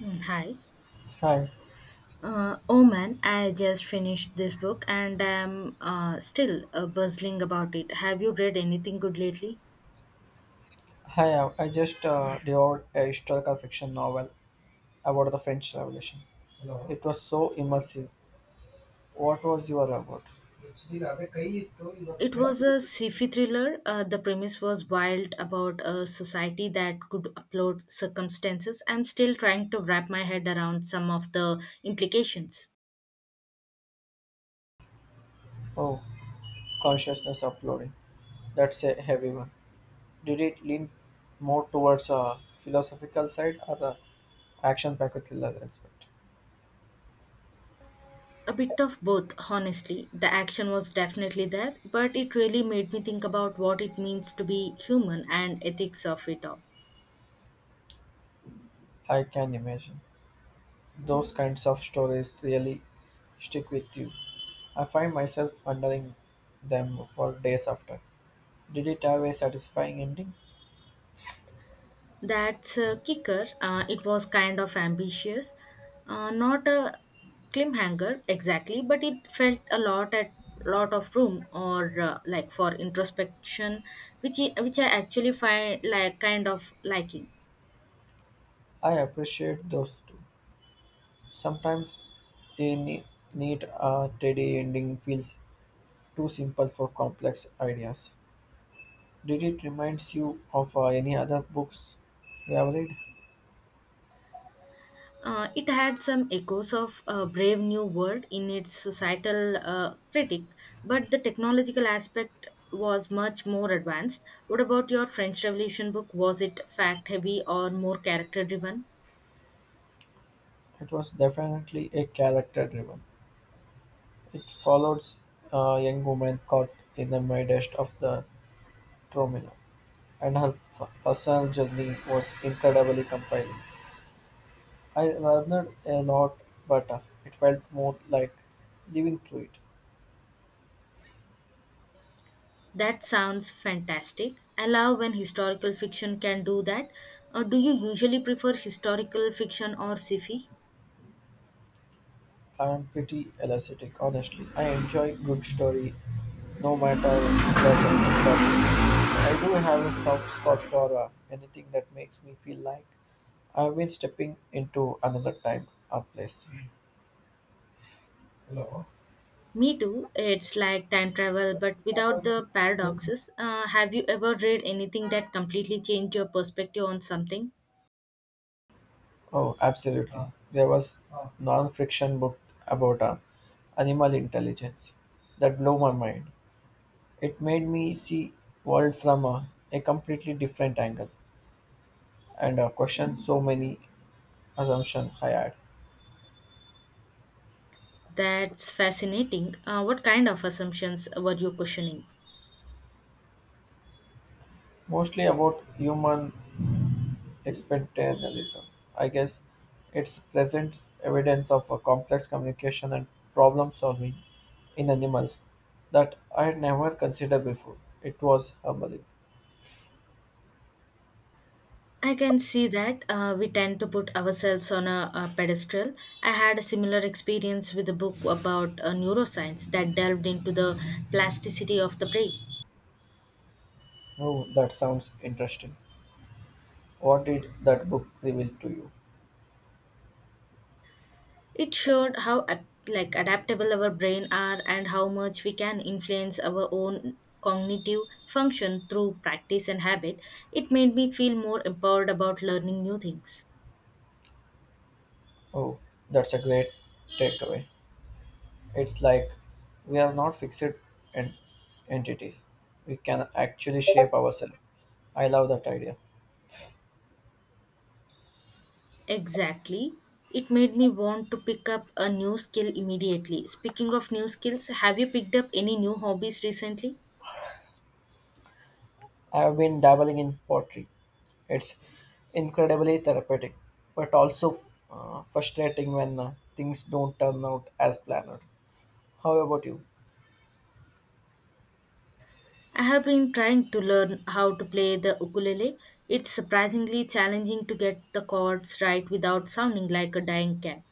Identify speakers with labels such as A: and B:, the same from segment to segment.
A: Hi.
B: Hi,
A: Oh man, I just finished this book and I'm still buzzing about it. Have you read anything good lately?
B: hi. I just devoured a historical fiction novel about the French Revolution. It was so immersive. What was your about?
A: It was a sci-fi thriller. The premise was wild about a society that could upload circumstances. I'm still trying to wrap my head around some of the implications.
B: Oh, consciousness uploading. That's a heavy one. Did it lean more towards a philosophical side or a action-packed thriller aspect?
A: A bit of both, honestly. The action was definitely there, but it really made me think about what it means to be human and ethics of it all.
B: I can imagine. Those kinds of stories really stick with you. I find myself wondering them for days after. Did it have a satisfying ending?
A: That's a kicker. It was kind of ambitious. Not a cliffhanger exactly, but it felt a lot at lot of room or for introspection, which I actually find like kind of liking.
B: I appreciate those two. Sometimes a ne- neat, tidy ending feels too simple for complex ideas. Did it reminds you of any other books you have read?
A: It had some echoes of a Brave New World in its societal critic, but the technological aspect was much more advanced. What about your French Revolution book? Was it fact heavy or more character driven?
B: It was definitely a character-driven. It follows a young woman caught in the midst of the turmoil, and her personal journey was incredibly compelling. I learned a lot, but it felt more like living through it.
A: That sounds fantastic. I love when historical fiction can do that. Do you usually prefer historical fiction or sci-fi?
B: I am pretty elastic, honestly. I enjoy good story, no matter the genre. But I do have a soft spot for anything that makes me feel like I've been stepping into another time or place. Hello.
A: Me too. It's like time travel, but without the paradoxes. Have you ever read anything that completely changed your perspective on something?
B: Oh, absolutely. There was non-fiction book about animal intelligence that blew my mind. It made me see world from a completely different angle and question so many assumptions I had,
A: That's fascinating. What kind of assumptions were you questioning?
B: mostly about human exceptionalism. I guess it presents evidence of a complex communication and problem solving in animals that I had never considered before. It was humbling.
A: I can see that, we tend to put ourselves on a pedestal. I had a similar experience with a book about neuroscience that delved into the plasticity of the brain.
B: Oh, that sounds interesting. What did that book reveal to you?
A: It showed how adaptable our brain are and how much we can influence our own cognitive function through practice and habit. It made me feel more empowered about learning new things.
B: Oh, that's a great takeaway. It's like we are not fixed en- entities. We can actually shape ourselves. I love that idea.
A: Exactly. It made me want to pick up a new skill immediately. Speaking of new skills, have you picked up any new hobbies recently?
B: I have been dabbling in pottery. It's incredibly therapeutic, but also frustrating when things don't turn out as planned. How about you?
A: I have been trying to learn how to play the ukulele. It's surprisingly challenging to get the chords right without sounding like a dying cat.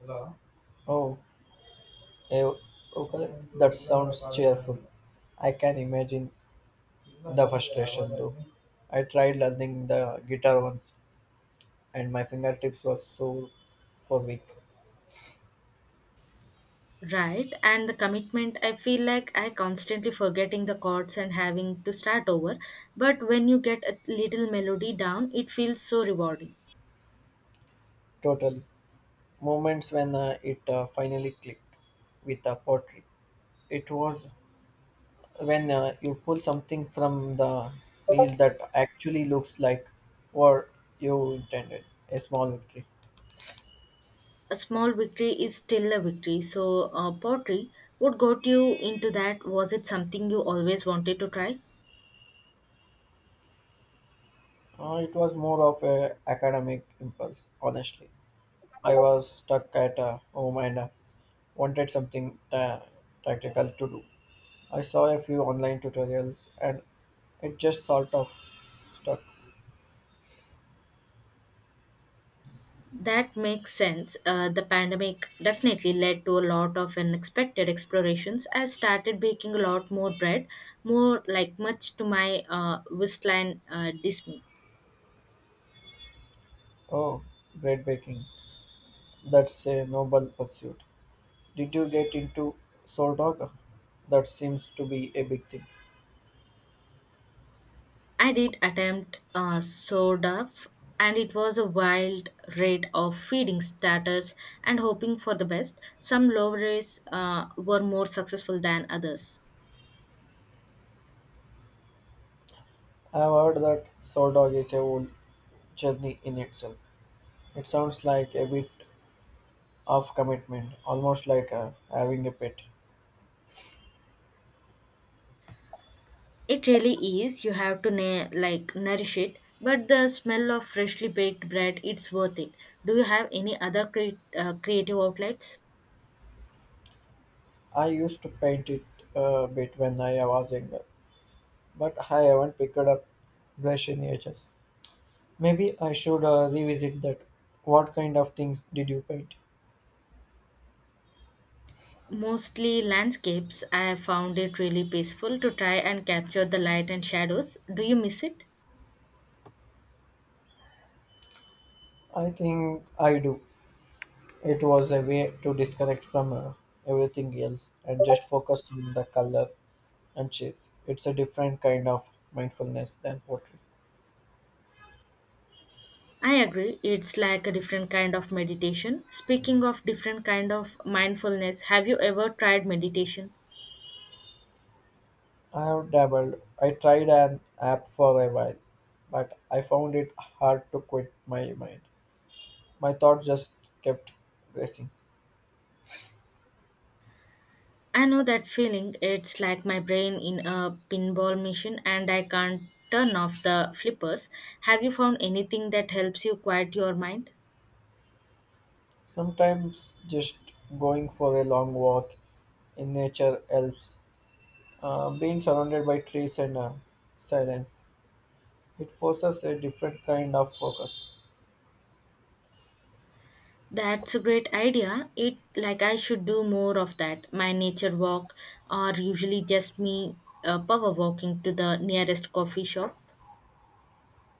B: Hello? Oh, eh, okay. That sounds cheerful. I can imagine the frustration though. I tried learning the guitar once and my fingertips were sore for week.
A: Right, and the commitment, I feel like I constantly forgetting the chords and having to start over. But when you get a little melody down, it feels so rewarding.
B: Totally. Moments when it finally clicked with a pottery. It was when you pull something from the reel that actually looks like what you intended, a small victory.
A: A small victory is still a victory. So, pottery, what got you into that? Was it something you always wanted to try?
B: It was more of a academic impulse, honestly. I was stuck at home and wanted something tactical to do. I saw a few online tutorials and it just sort of stuck.
A: That makes sense. The pandemic definitely led to a lot of unexpected explorations. I started baking a lot more bread, more like much to my waistline dismay.
B: Oh, bread baking. That's a noble pursuit. Did you get into Soldog? That seems to be a big thing.
A: I did attempt SODAF, and it was a wild rate of feeding starters and hoping for the best. Some lowers were more successful than others.
B: I have heard that Soldog is a whole journey in itself. It sounds like a bit of commitment, almost like having a pet.
A: It really is. You have to nourish it, but the smell of freshly baked bread, it's worth it. Do you have any other creative outlets?
B: I used to paint it a bit when I was younger, but I haven't picked up brush in ages. Maybe I should revisit that. What kind of things did you paint?
A: Mostly landscapes. I have found it really peaceful to try and capture the light and shadows. Do you miss it?
B: I think I do. It was a way to disconnect from everything else and just focus on the color and shapes. It's a different kind of mindfulness than poetry.
A: I agree. It's like a different kind of meditation. Speaking of different kind of mindfulness, have you ever tried meditation?
B: I have dabbled. I tried an app for a while, but I found it hard to quit my mind. My thoughts just kept racing.
A: I know that feeling. It's like my brain in a pinball machine and I can't turn off the flippers. Have you found anything that helps you quiet your mind?
B: Sometimes just going for a long walk in nature helps. Being surrounded by trees and silence, it forces a different kind of focus.
A: That's a great idea. It like I should do more of that. My nature walk or usually just me power walking to the nearest coffee shop.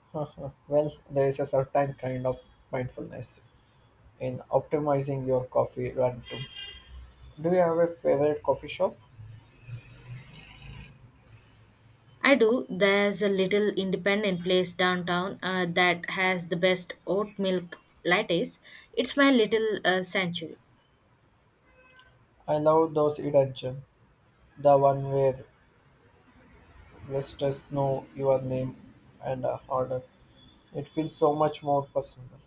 B: Uh-huh. Well, there is a certain kind of mindfulness in optimizing your coffee run too. Do you have a favorite coffee shop?
A: I do. There's a little independent place downtown that has the best oat milk lattes. It's my little sanctuary.
B: I love those hidden gem, the one where visitors know your name and order. It feels so much more personal.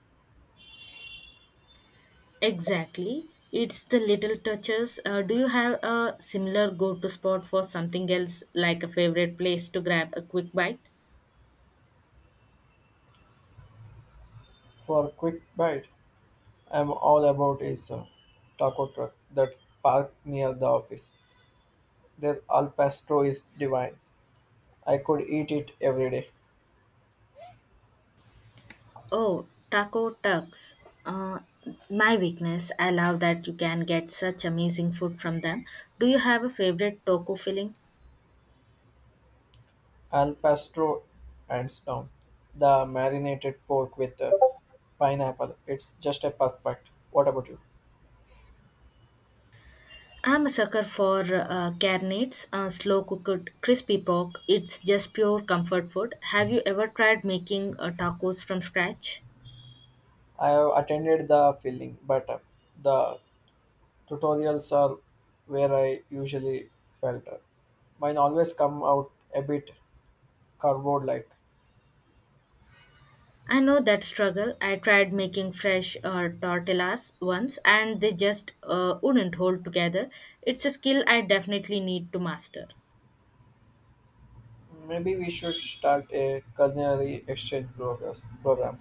A: Exactly. It's the little touches. Do you have a similar go to spot for something else, like a favorite place to grab a quick bite?
B: For a quick bite, I'm all about is taco truck that parked near the office. Their al pastor is divine. I could eat it every day.
A: Oh, Taco Tucks. Uh, my weakness. I love that you can get such amazing food from them. Do you have a favorite taco filling?
B: Al pastor, hands down. The marinated pork with pineapple. It's just a perfect. What about you?
A: I'm a sucker for carnates, slow cooked crispy pork. It's just pure comfort food. Have you ever tried making tacos from scratch?
B: I have attended the filling, but the tutorials are where I usually felt. Mine always come out a bit cardboard like.
A: I know that struggle. I tried making fresh tortillas once and they just wouldn't hold together. It's a skill I definitely need to master.
B: Maybe we should start a culinary exchange progress, program.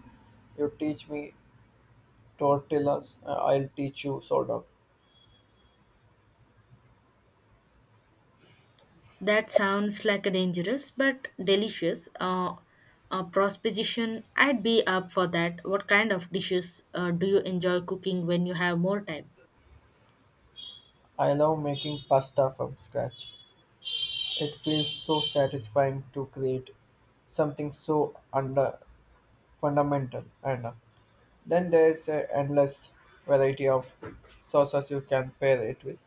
B: You teach me tortillas, I'll teach you sourdough.
A: That sounds like a dangerous but delicious proposition. I'd be up for that. What kind of dishes do you enjoy cooking when you have more time?
B: I love making pasta from scratch. It feels so satisfying to create something so under fundamental, and then there's an endless variety of sauces you can pair it with.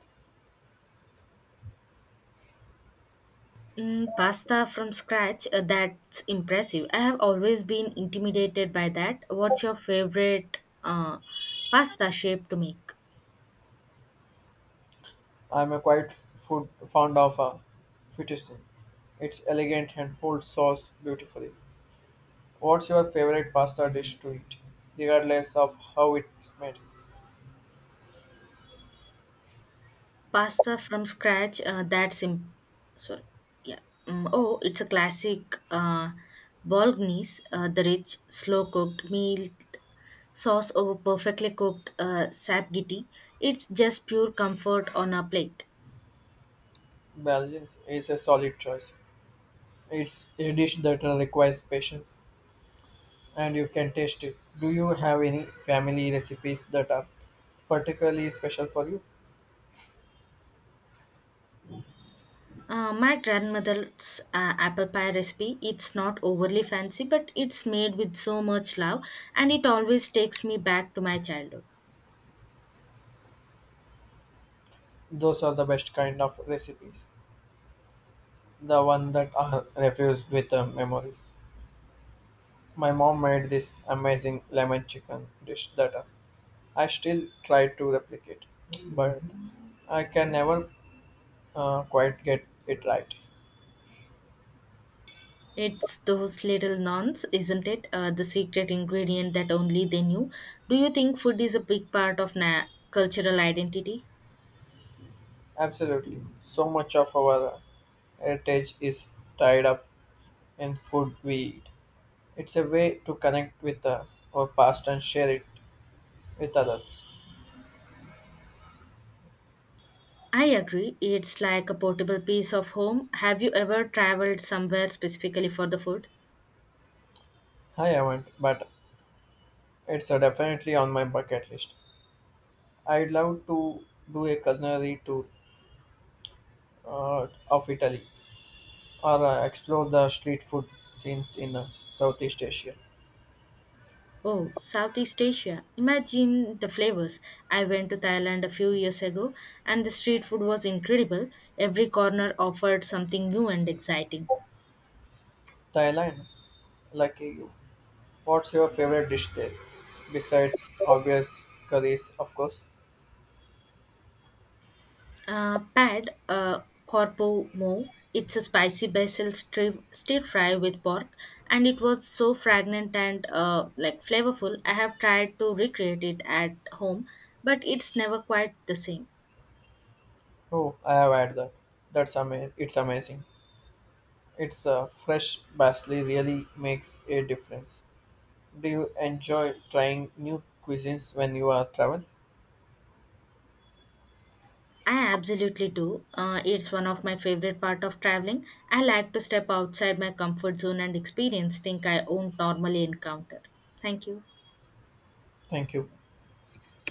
A: Pasta from scratch, that's impressive. I have always been intimidated by that. What's your favorite pasta shape to make?
B: I'm a quite food fond of a fettuccine. It's elegant and holds sauce beautifully. What's your favorite pasta dish to eat, regardless of how it's made?
A: Pasta from scratch, sorry. Yeah. Oh, it's a classic bolognese, the rich, slow cooked meal sauce over perfectly cooked sapgiti. It's just pure comfort on a plate.
B: Belgian is a solid choice. It's a dish that requires patience and you can taste it. Do you have any family recipes that are particularly special for you?
A: My grandmother's apple pie recipe, it's not overly fancy, but it's made with so much love and it always takes me back to my childhood.
B: Those are the best kind of recipes. The one that are refused with memories. My mom made this amazing lemon chicken dish that I still try to replicate, but I can never quite get it right.
A: It's those little nuns, isn't it? The secret ingredient that only they knew. Do you think food is a big part of cultural identity?
B: Absolutely. So much of our heritage is tied up in food we eat. It's a way to connect with our past and share it with others.
A: I agree. It's like a portable piece of home. Have you ever traveled somewhere specifically for the food?
B: I haven't, but it's definitely on my bucket list. I'd love to do a culinary tour of Italy or explore the street food scenes in Southeast Asia.
A: Oh, Southeast Asia. Imagine the flavors. I went to Thailand a few years ago and the street food was incredible. Every corner offered something new and exciting.
B: Thailand, lucky you. What's your favorite dish there? Besides obvious curries, of course.
A: Pad corpo mo. It's a spicy basil stir fry with pork and it was so fragrant and flavorful. I have tried to recreate it at home, but it's never quite the same.
B: Oh, I have had that. It's amazing. It's fresh basil really makes a difference. Do you enjoy trying new cuisines when you are travel?
A: I absolutely do. It's one of my favorite part of traveling. I like to step outside my comfort zone and experience things I won't normally encounter. Thank you.
B: Thank you.